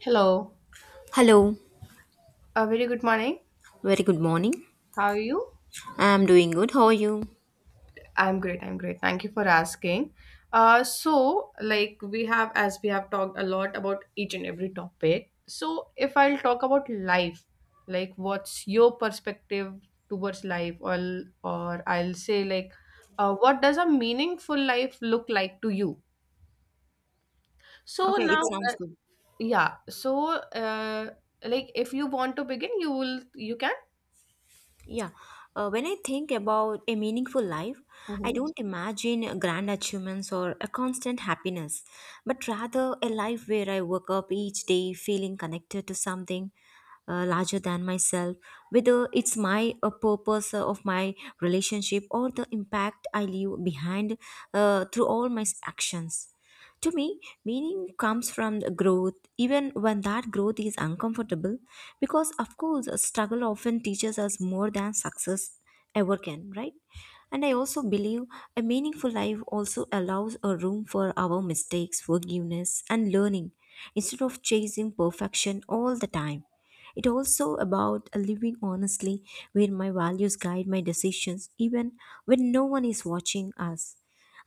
Hello. Hello, A very good morning. very good morning. How are you? I'm doing good. How are you? I'm great. Thank you for asking. As we have talked a lot about each and every topic. So, if I'll talk about life, like what's your perspective towards life, or I'll say, what does a meaningful life look like to you? So Okay, it now, sounds uh, good. yeah. So, uh, like if you want to begin, you will. You can. Yeah. When I think about a meaningful life, I Mhm. don't imagine grand achievements or a constant happiness, but rather a life where I wake up each day feeling connected to something larger than myself, whether it's my purpose of my relationship or the impact I leave behind through all my actions. To me, meaning comes from the growth, even when that growth is uncomfortable, because of course, a struggle often teaches us more than success ever can, right? And I also believe a meaningful life also allows a room for our mistakes, forgiveness, and learning instead of chasing perfection all the time. It also about a living honestly where my values guide my decisions even when no one is watching us.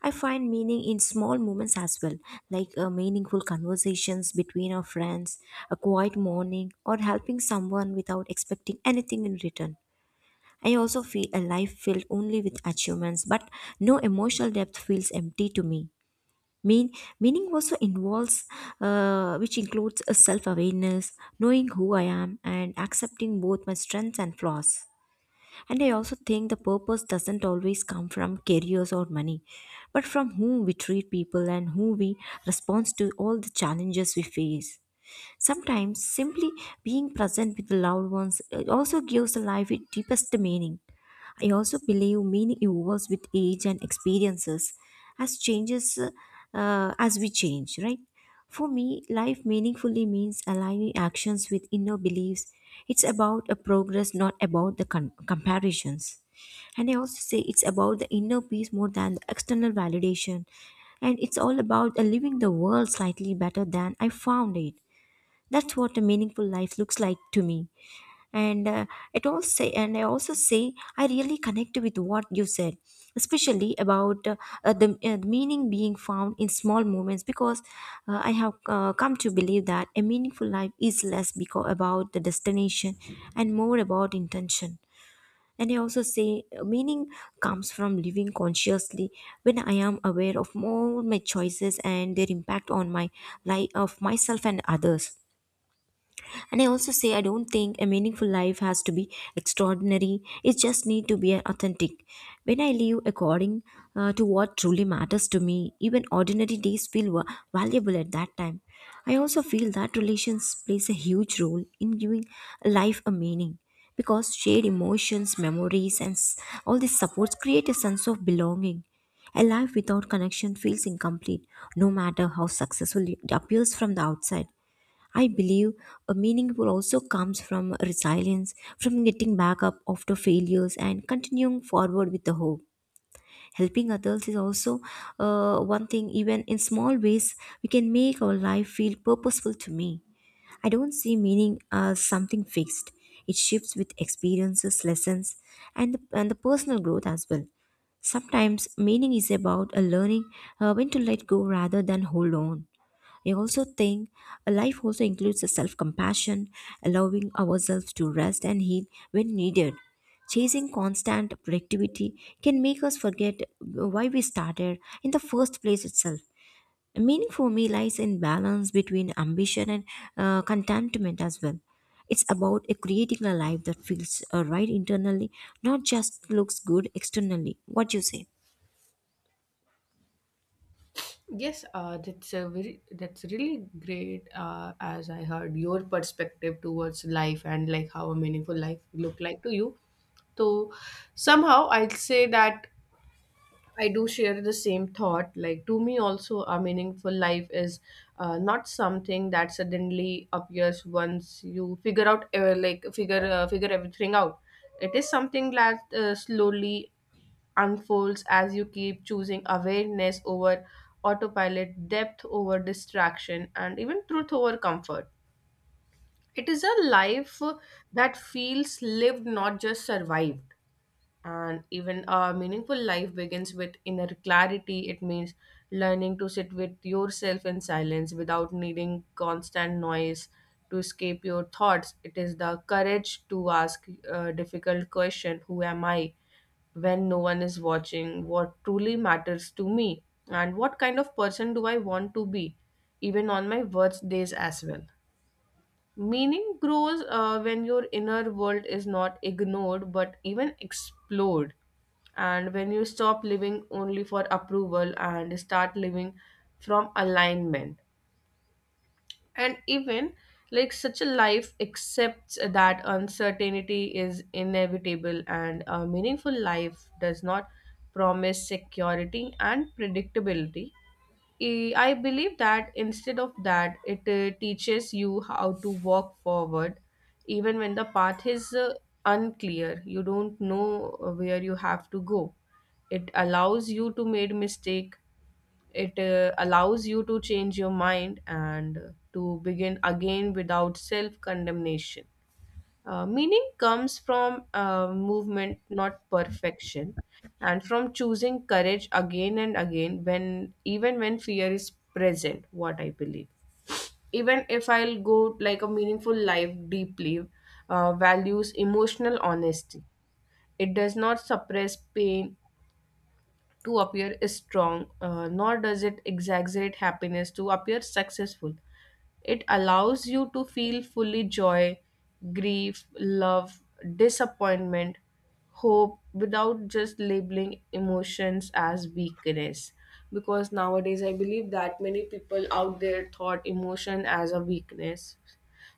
I find meaning in small moments as well, like meaningful conversations between our friends, a quiet morning, or helping someone without expecting anything in return. I also feel a life filled only with achievements, but no emotional depth feels empty to me. Mean, meaning also involves, which includes a self awareness, knowing who I am, and accepting both my strengths and flaws. And I also think the purpose doesn't always come from careers or money, but from whom we treat people and who we respond to all the challenges we face. Sometimes simply being present with the loved ones also gives the life its deepest meaning. I also believe meaning evolves with age and experiences as changes as we change, right? For me, life meaningfully means aligning actions with inner beliefs. It's about a progress, not about the comparisons. And I also say it's about the inner peace more than the external validation. And it's all about living the world slightly better than I found it. That's what a meaningful life looks like to me and it all say and I also say I really connect with what you said especially about the meaning being found in small moments because I have come to believe that a meaningful life is less because about the destination and more about intention and I also say meaning comes from living consciously when I am aware of all my choices and their impact on my life of myself and others and I also say I don't think a meaningful life has to be extraordinary it just need to be authentic when I live according to what truly matters to me even ordinary days feel valuable at that time I also feel that relations plays a huge role in giving life a meaning because shared emotions memories and all these supports create a sense of belonging a life without connection feels incomplete, no matter how successful it appears from the outside. I believe a meaning also comes from resilience, from getting back up after failures and continuing forward with the hope. Helping others is also one thing. Even in small ways, we can make our life feel purposeful to me. I don't see meaning as something fixed. It shifts with experiences, lessons, and the personal growth as well. Sometimes meaning is about a learning when to let go rather than hold on. I also think a life also includes a self compassion, allowing ourselves to rest and heal when needed. Chasing constant productivity can make us forget why we started in the first place itself. Meaning for me lies in balance between ambition and contentment as well. It's about creating a life that feels right internally, not just looks good externally. What do you say? Yes, that's a very that's really great. As I heard your perspective towards life and like how a meaningful life look like to you. So somehow I'd say that I do share the same thought. Like to me, also a meaningful life is not something that suddenly appears once you figure out, like figure everything out. It is something that slowly unfolds as you keep choosing awareness over autopilot, depth over distraction, and even truth over comfort. It is a life that feels lived, not just survived. And even a meaningful life begins with inner clarity. It means learning to sit with yourself in silence without needing constant noise to escape your thoughts. It is the courage to ask a difficult question. Who am I when no one is watching? What truly matters to me? And what kind of person do I want to be, even on my worst days as well? Meaning grows when your inner world is not ignored but even explored, and when you stop living only for approval and start living from alignment, and even like such a life accepts that uncertainty is inevitable and a meaningful life does not promise security and predictability. I believe that instead of that it teaches you how to walk forward even when the path is unclear. You don't know where you have to go. It allows you to make mistake. It allows you to change your mind and to begin again without self condemnation. Meaning comes from movement, not perfection, and from choosing courage again and again when even when fear is present. What I believe, even if I'll go like a meaningful life deeply, values emotional honesty. It does not suppress pain to appear strong, nor does it exaggerate happiness to appear successful. It allows you to feel fully joy, grief, love, disappointment, hope without just labeling emotions as weakness. Because nowadays, I believe that many people out there thought emotion as a weakness.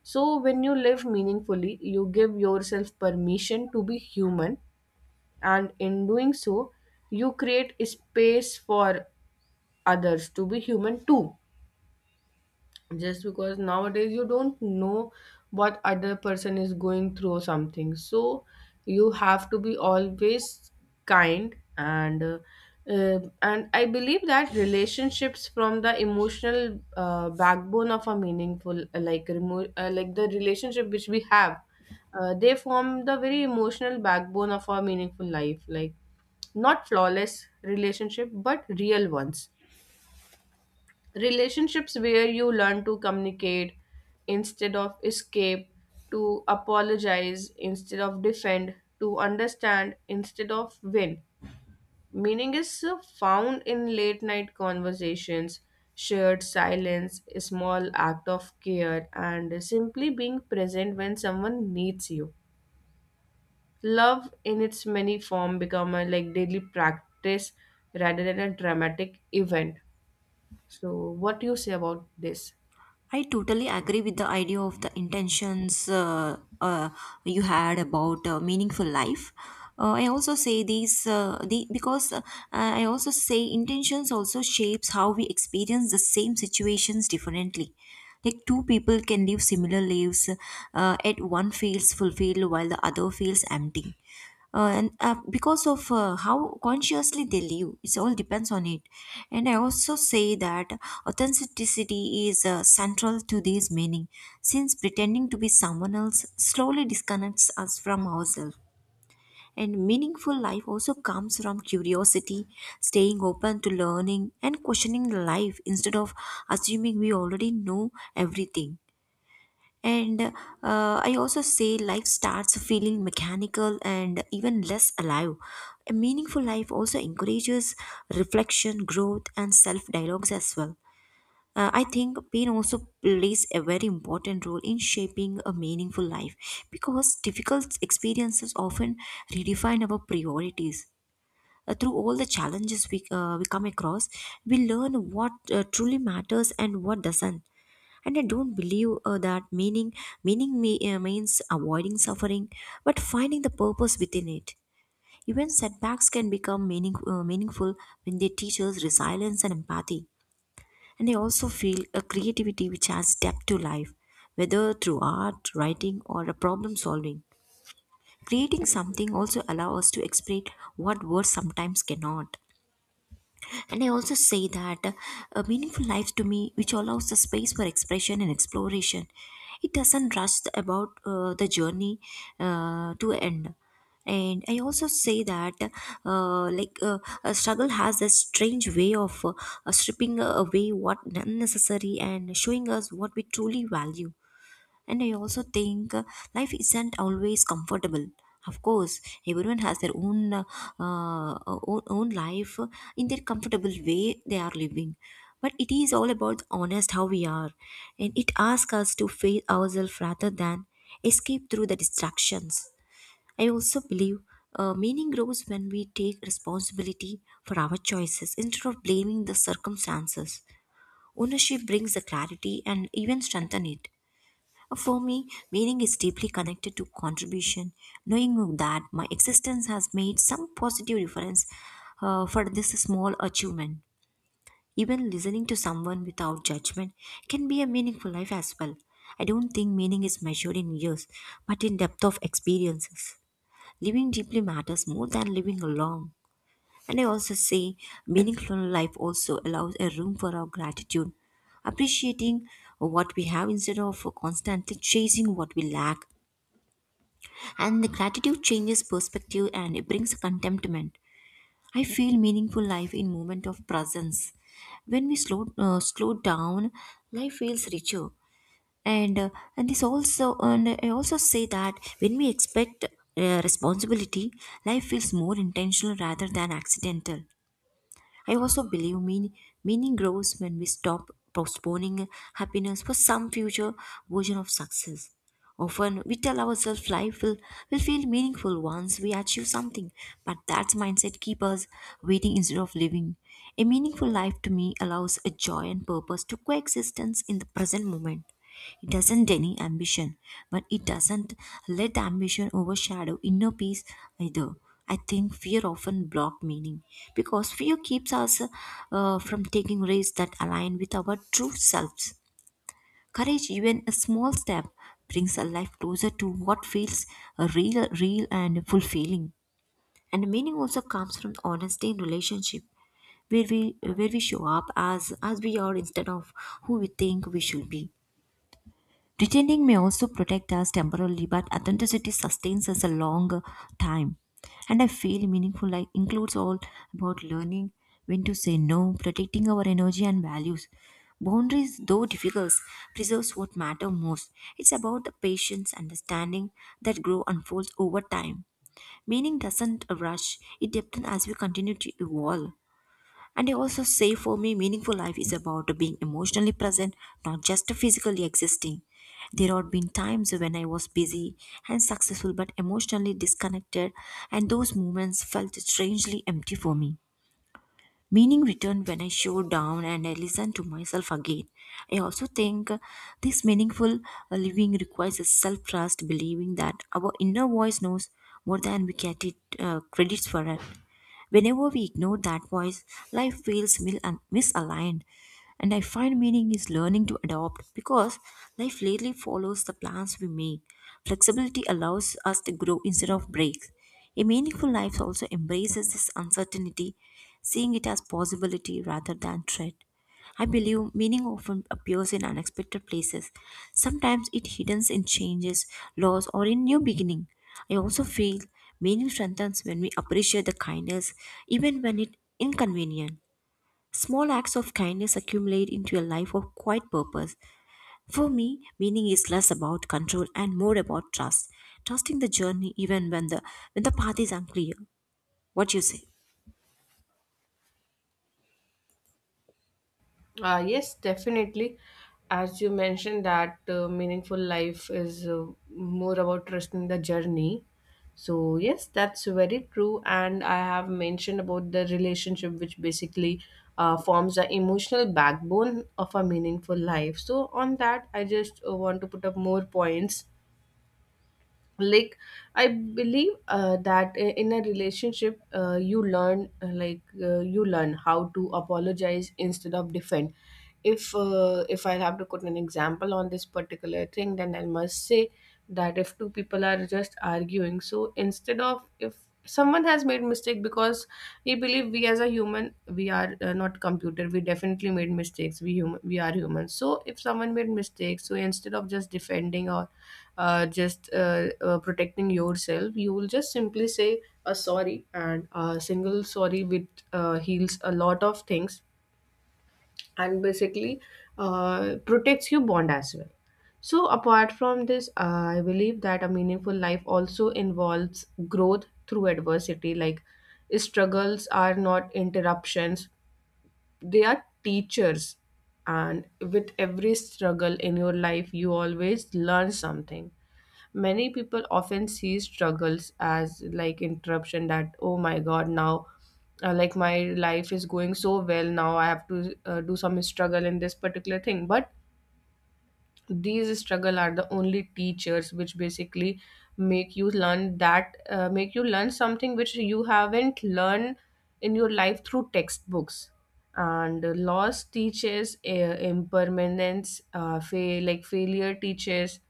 So, when you live meaningfully, you give yourself permission to be human, and in doing so you create space for others to be human too. Just because nowadays you don't know what other person is going through or something, so you have to be always kind and I believe that relationships from the emotional backbone of a meaningful like remo- like the relationship which we have, they form the very emotional backbone of our meaningful life, like not flawless relationship but real ones, relationships where you learn to communicate instead of escape, to apologize instead of defend, to understand instead of win. Meaning is found in late night conversations, shared silence, a small act of care, and simply being present when someone needs you. Love in its many form become a like daily practice rather than a dramatic event. So what do you say about this? I totally agree with the idea of the intentions you had about meaningful life. I also say these because I also say intentions also shapes how we experience the same situations differently. Like two people can live similar lives, yet one feels fulfilled while the other feels empty and because of how consciously they live it all depends on it and I also say that authenticity is central to this meaning since pretending to be someone else slowly disconnects us from ourselves and meaningful life also comes from curiosity staying open to learning and questioning life instead of assuming we already know everything and I also say life starts feeling mechanical and even less alive. A meaningful life also encourages reflection, growth, and self dialogues as well. I think pain also plays a very important role in shaping a meaningful life because difficult experiences often redefine our priorities. Through all the challenges we come across, we learn what truly matters and what doesn't and I don't believe that meaning means avoiding suffering but finding the purpose within it even setbacks can become meaningful when they teach us resilience and empathy and I also feel a creativity which adds depth to life whether through art writing or a problem solving creating something also allows us to express what words sometimes cannot and I also say that a meaningful life to me, which allows the space for expression and exploration, it doesn't rush the- about the journey to end. And I also say that, a struggle has a strange way of stripping away what unnecessary and showing us what we truly value and I also think life isn't always comfortable. Of course, everyone has their uh, own life in their comfortable way they are living. But it is all about honest how we are, and it asks us to face ourselves rather than escape through the distractions. I also believe meaning grows when we take responsibility for our choices instead of blaming the circumstances. Ownership brings the clarity and even strengthen it. For me, meaning is deeply connected to contribution. Knowing that my existence has made some positive difference for this small achievement. Even listening to someone without judgment can be a meaningful life as well. I don't think meaning is measured in years, but in depth of experiences. Living deeply matters more than living alone. And I also say meaningful life also allows a room for our gratitude, appreciating what we have instead of constantly chasing what we lack. And the gratitude changes perspective and it brings contentment. I feel meaningful life in moment of presence. When we slow down, life feels richer. And uh, and I also say that when we expect responsibility, life feels more intentional rather than accidental. I also believe meaning grows when we stop postponing happiness for some future version of success. Often we tell ourselves will feel meaningful once we achieve something, but that mindset keeps us waiting instead of living. A meaningful life to me allows a joy and purpose to coexistence in the present moment. It doesn't deny ambition, but it doesn't let the ambition overshadow inner peace either. I think fear often blocks meaning because fear keeps us from taking risks that align with our true selves. Courage, even a small step, brings a life closer to what feels real and fulfilling. And meaning also comes from honesty in relationship where we where we show up as we are instead of who we think we should be. Pretending may also protect us temporarily, but authenticity sustains us a long time. And I feel meaningful life includes all about learning when to say no, protecting our energy and values. Boundaries, though difficult, preserves what matter most. It's about the patience, understanding that grow unfolds over time. Meaning doesn't rush; it deepens as we continue to evolve. And I also say for me, meaningful life is about being emotionally present, not just physically existing. There have been times when I was busy and successful but emotionally disconnected, and those moments felt strangely empty for me. Meaning returned when I showed down and I listened to myself again. I also think this meaningful living requires a self trust, believing that our inner voice knows more than we get it credits for. It. Whenever we ignore that voice, life feels misaligned. And I find meaning is learning to adopt because life rarely follows the plans we make. Flexibility allows us to grow instead of breaks. A meaningful life also embraces this uncertainty, seeing it as possibility rather than threat. I believe meaning often appears in unexpected places. Sometimes it hidden in changes, loss, or in new beginning. I also feel meaning strengthens when we appreciate the kindness, even when it inconvenient. Small acts of kindness accumulate into a life of quiet purpose. For me, meaning is less about control and more about trust. Trusting the journey even when the path is unclear. What you say? Yes, definitely. As you mentioned, that meaningful life is more about trusting the journey. So, yes, that's very true. And I have mentioned about the relationship, which basically forms the emotional backbone of a meaningful life. So, on that, I just want to put up more points like. I believe that in a relationship you learn how to apologize instead of defend. If I have to put an example on this particular thing, then I must say that if two people are just arguing, so instead of, if someone has made mistake, because we believe we as a human we are not computer, we definitely made mistakes, we human, we are human, so if someone made mistakes, so instead of just defending or just protecting yourself, you will just simply say a sorry, and a single sorry with heals a lot of things, and basically protects your bond as well. So, apart from this, I believe that a meaningful life also involves growth through adversity. Like, struggles are not interruptions, they are teachers. And with every struggle in your life, you always learn something. Many people often see struggles as like interruption, that oh my god, now like my life is going so well, now I have to do some struggle in this particular thing. But these struggle are the only teachers which basically make you learn something which you haven't learned in your life through textbooks. And loss teaches impermanence, failure teaches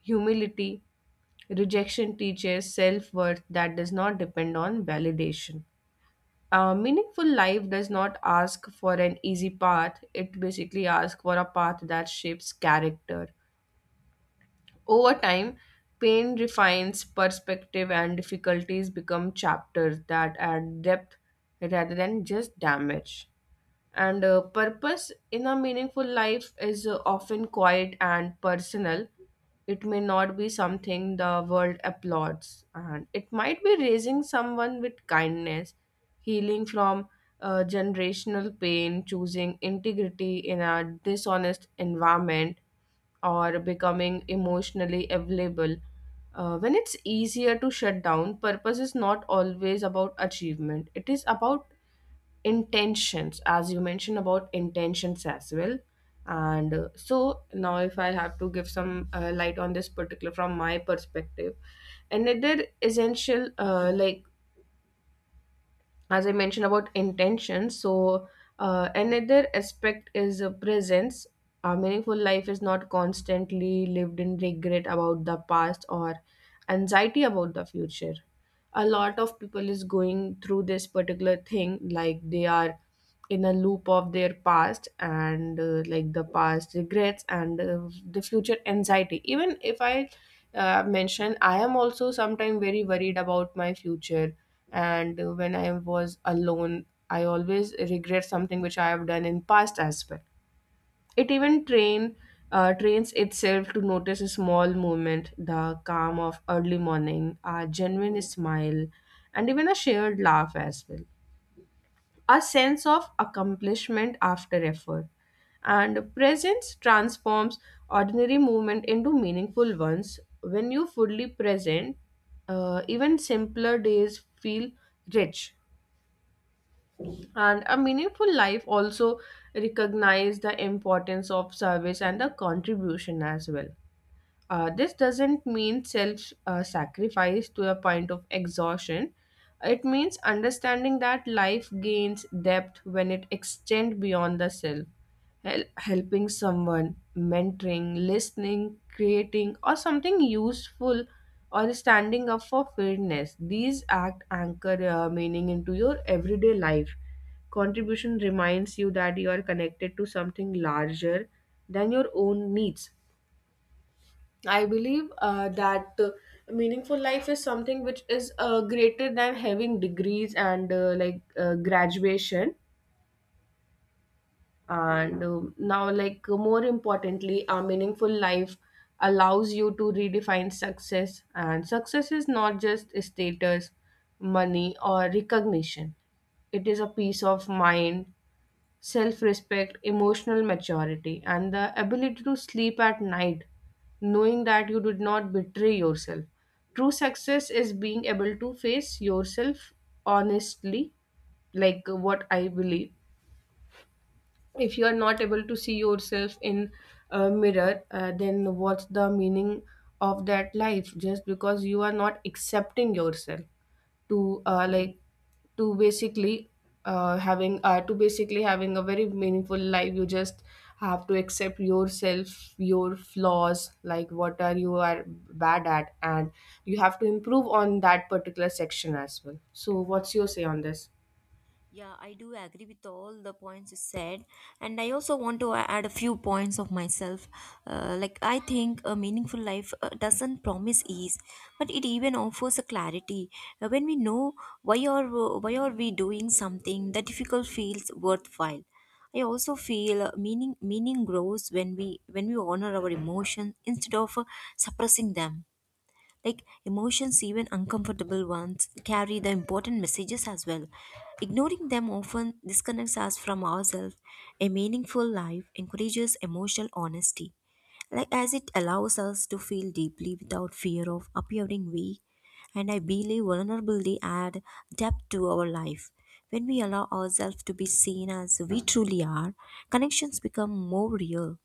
humility, rejection teaches self-worth that does not depend on validation. A meaningful life does not ask for an easy path, it basically asks for a path that shapes character over time. Pain refines perspective and difficulties become chapters that add depth rather than just damage. And purpose in a meaningful life is often quiet and personal. It may not be something the world applauds, and it might be raising someone with kindness, healing from generational pain, choosing integrity in a dishonest environment, or becoming emotionally available. When it's easier to shut down, purpose is not always about achievement, it is about intentions, as you mentioned about intentions as well. And so now if I have to give some light on this particular from my perspective, and another essential as I mentioned about intentions, so another aspect is presence. A meaningful life is not constantly lived in regret about the past or anxiety about the future. A lot of people is going through this particular thing, like they are in a loop of their past and like the past regrets and the future anxiety. Even if I mention, I am also sometimes very worried about my future, and when I was alone I always regret something which I have done in past as well. It even trains itself to notice a small movement, the calm of early morning, a genuine smile, and even a shared laugh as well. A sense of accomplishment after effort. And presence transforms ordinary movement into meaningful ones. When you fully present, even simpler days feel rich. And a meaningful life also recognize the importance of service and the contribution as well. This doesn't mean self sacrifice to a point of exhaustion. It means understanding that life gains depth when it extends beyond the self. Helping someone, mentoring, listening, creating, or something useful, or standing up for fairness. These act anchor meaning into your everyday life. Contribution reminds you that you are connected to something larger than your own needs. I believe that meaningful life is something which is greater than having degrees and graduation. And um, now, like more importantly, a meaningful life allows you to redefine success. And success is not just status, money, or recognition. It is a peace of mind, self respect, emotional maturity, and the ability to sleep at night knowing that you did not betray yourself. True success is being able to face yourself honestly, like what I believe. If you are not able to see yourself in a mirror, then what's the meaning of that life? Just because you are not accepting yourself to like to basically having to basically having a very meaningful life, you just have to accept yourself, your flaws, like what are you are bad at, and you have to improve on that particular section as well. So what's your say on this? Yeah, I do agree with all the points you said, and I also want to add a few points of myself. I think a meaningful life doesn't promise ease, but it even offers a clarity. When we know why are why are we doing something, that difficult feels worthwhile. I also feel meaning grows when we honor our emotions instead of suppressing them. Like emotions, even uncomfortable ones, carry the important messages as well. Ignoring them often disconnects us from ourselves. A meaningful life encourages emotional honesty, like as it allows us to feel deeply without fear of appearing weak. And I believe vulnerability adds depth to our life. When we allow ourselves to be seen as we truly are, connections become more real.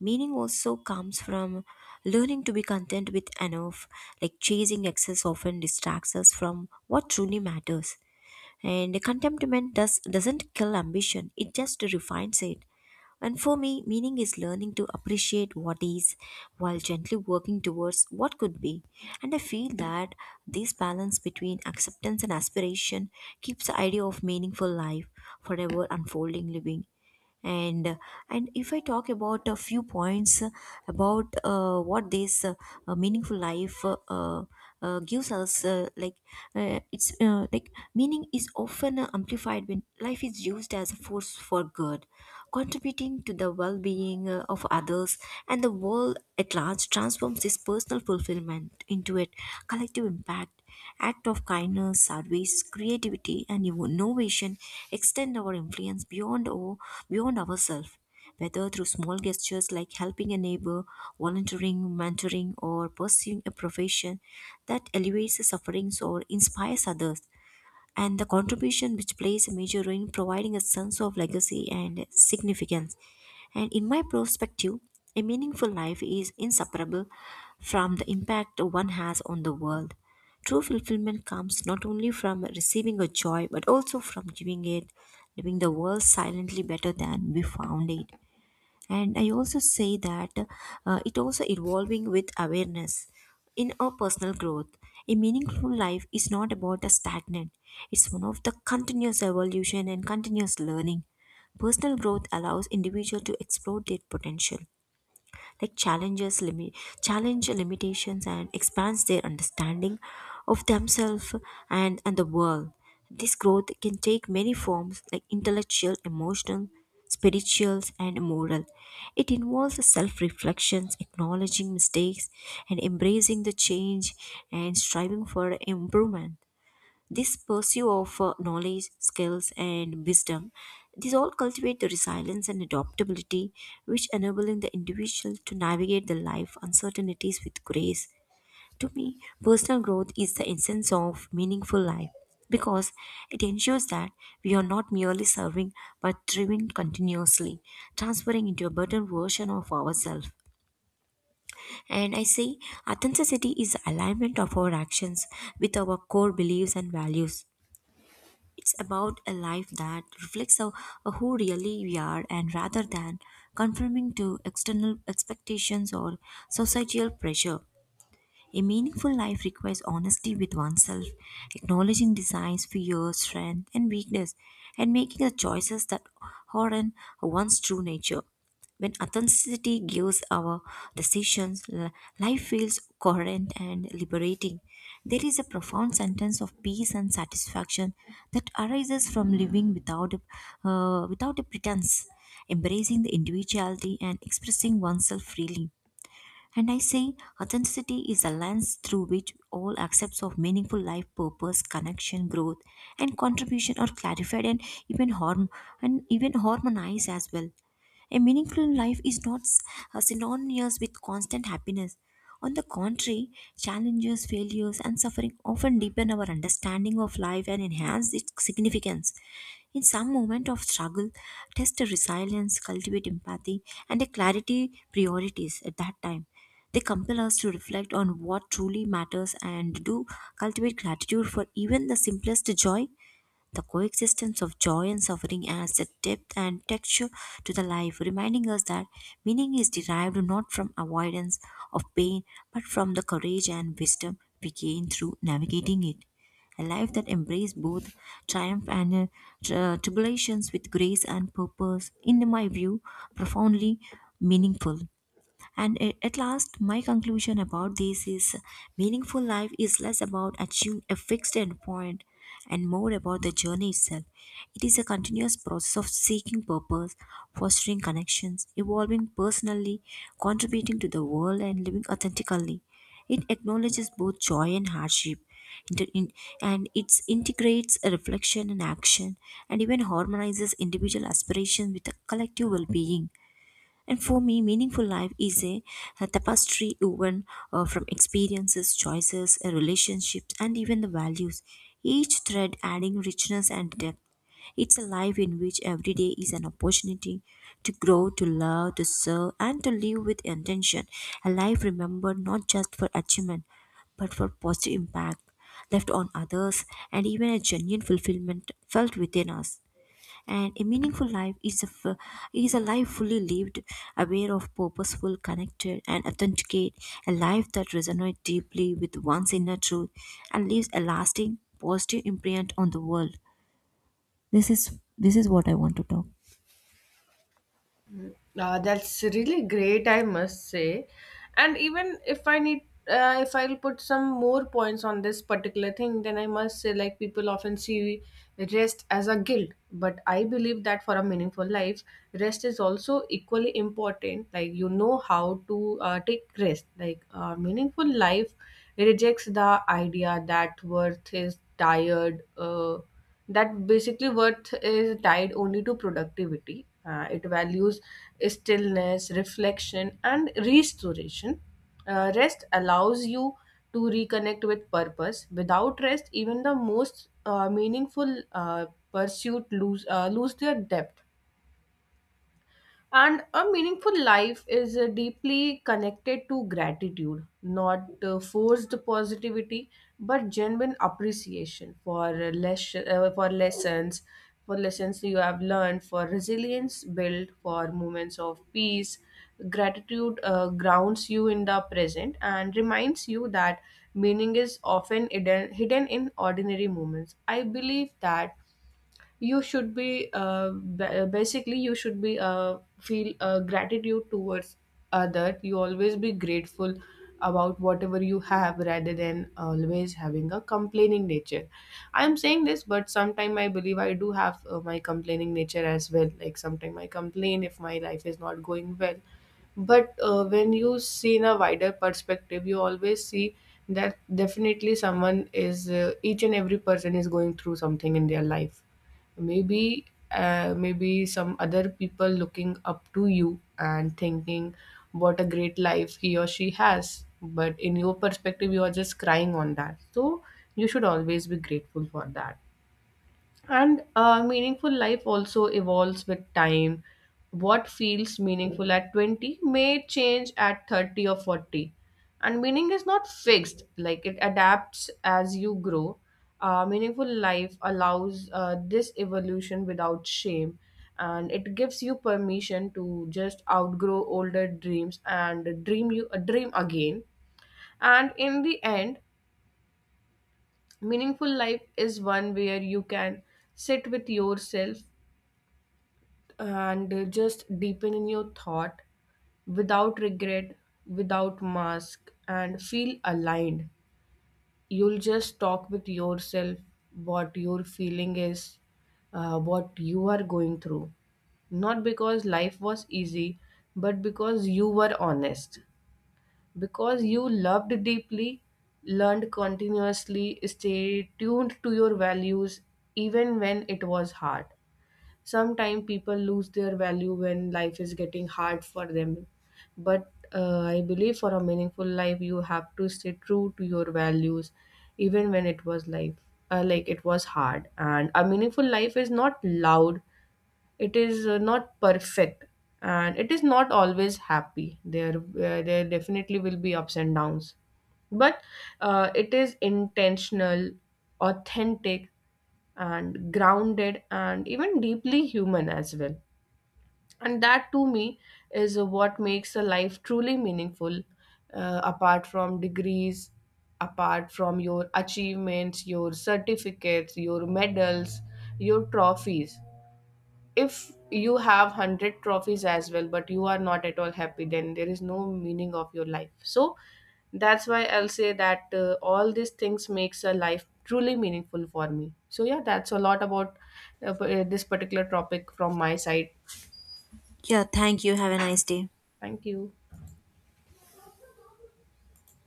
Meaning also comes from learning to be content with enough, like chasing excess often distracts us from what truly matters. And doesn't kill ambition, it just refines it. And for me, meaning is learning to appreciate what is while gently working towards what could be. And I feel that this balance between acceptance and aspiration keeps the idea of meaningful life forever unfolding living and uh, and if I talk about a few points about what this meaningful life gives us, like it's like meaning is often amplified when life is used as a force for good, contributing to the well-being of others, and the world at large transforms this personal fulfillment into a collective impact. Act of kindness, service, creativity, and innovation extend our influence beyond ourselves, whether through small gestures like helping a neighbor, volunteering, mentoring, or pursuing a profession that alleviates the sufferings or inspires others, and the contribution which plays a major role in providing a sense of legacy and significance. And in my perspective, a meaningful life is inseparable from the impact one has on the world. True fulfillment comes not only from receiving a joy but also from giving it, leaving the world silently better than we found it. And I also say that it also evolving with awareness in our personal growth. A meaningful life is not about a stagnant, it's one of the continuous evolution and continuous learning. Personal growth allows individual to explore their potential, like challenge limitations and expands their understanding of themselves and the world. This growth can take many forms like intellectual, emotional, spirituals, and moral. It involves self reflections, acknowledging mistakes, and embracing the change and striving for improvement. This pursuit of knowledge, skills, and wisdom, these all cultivate the resilience and adaptability, which enabling the individual to navigate the life uncertainties with grace. To me, personal growth is the essence of meaningful life, because it ensures that we are not merely serving but thriving continuously, transferring into a better version of ourselves. And I say authenticity is the alignment of our actions with our core beliefs and values. It's about a life that reflects of who really we are, and rather than conforming to external expectations or societal pressure. A meaningful life requires honesty with oneself, acknowledging desires, fears, strength, and weakness, and making the choices that honor one's true nature. When authenticity gives our decisions, life feels coherent and liberating. There is a profound sense of peace and satisfaction that arises from living without a pretense, embracing the individuality and expressing oneself freely. And I say authenticity is a lens through which all aspects of meaningful life, purpose, connection, growth, and contribution are clarified and even harm and even harmonized as well. A meaningful life is not synonymous with constant happiness. On the contrary, challenges, failures, and suffering often deepen our understanding of life and enhance its significance. In some moment of struggle, test resilience, cultivate empathy, and a clarity priorities at that time. They compel us to reflect on what truly matters and do cultivate gratitude for even the simplest joy. The coexistence of joy and suffering adds a depth and texture to the life, reminding us that meaning is derived not from avoidance of pain, but from the courage and wisdom we gain through navigating it. A life that embraces both triumph and tribulations with grace and purpose, in my view, profoundly meaningful. And at last, my conclusion about this is meaningful life is less about achieving a fixed endpoint and more about the journey itself. It is a continuous process of seeking purpose, fostering connections, evolving personally, contributing to the world, and living authentically. It acknowledges both joy and hardship, inter- in- and it integrates a reflection and action, and even harmonizes individual aspirations with a collective well being. And for me, meaningful life is a tapestry woven from experiences, choices, relationships, and even the values, each thread adding richness and depth. It's a life in which every day is an opportunity to grow, to love, to serve, and to live with intention. A life remembered not just for achievement, but for positive impact left on others and even a genuine fulfillment felt within us. And a meaningful life is is a life fully lived, aware of purposeful, connected, and authenticate. A life that resonates deeply with one's inner truth and leaves a lasting positive imprint on the world. This is what I want to talk. Mm, that's really great, I must say. And even if I need, if I'll put some more points on this particular thing, then I must say, like, people often see rest as a guilt. But I believe that for a meaningful life, rest is also equally important. Like, you know how to take rest. Like, a meaningful life rejects the idea that worth is tired, uh, tied only to productivity. It values stillness, reflection, and restoration. Rest allows you to reconnect with purpose. Without rest, even the most meaningful pursuit lose their depth. And a meaningful life is deeply connected to gratitude, not forced positivity, but genuine appreciation for lessons, for lessons you have learned, for resilience built, for moments of peace. Gratitude grounds you in the present and reminds you that meaning is often hidden in ordinary moments. I believe that you should be basically you should be feel gratitude towards other. You always be grateful about whatever you have rather than always having a complaining nature. I am saying this, but sometime I believe I do have my complaining nature as well, like sometime I complain if my life is not going well. But when you see in a wider perspective, you always see that definitely someone is each and every person is going through something in their life. maybe Maybe some other people looking up to you and thinking what a great life he or she has, but in your perspective you are just crying on that. So you should always be grateful for that. And meaningful life also evolves with time. What feels meaningful at 20 may change at 30 or 40. And meaning is not fixed, like it adapts as you grow. Meaningful life allows this evolution without shame, and it gives you permission to just outgrow older dreams and dream again. And in the end, meaningful life is one where you can sit with yourself and just deepen in your thought without regret, without mask, and feel aligned. You'll just talk with yourself what your feeling is, what you are going through. Not because life was easy, but because you were honest. Because you loved deeply, learned continuously, stay tuned to your values even when it was hard. Sometimes people lose their value when life is getting hard for them. But I believe for a meaningful life, you have to stay true to your values, even when it was life, it was hard. And a meaningful life is not loud, it is not perfect, and it is not always happy. There there definitely will be ups and downs, but it is intentional, authentic, and grounded, and even deeply human as well. And that to me is what makes a life truly meaningful, apart from degrees, apart from your achievements, your certificates, your medals, your trophies. If you have 100 trophies as well but you are not at all happy, then there is no meaning of your life. So that's why I'll say that all these things makes a life truly meaningful for me. So yeah, that's a lot about this particular topic from my side. Yeah, thank you, have a nice day. Thank you.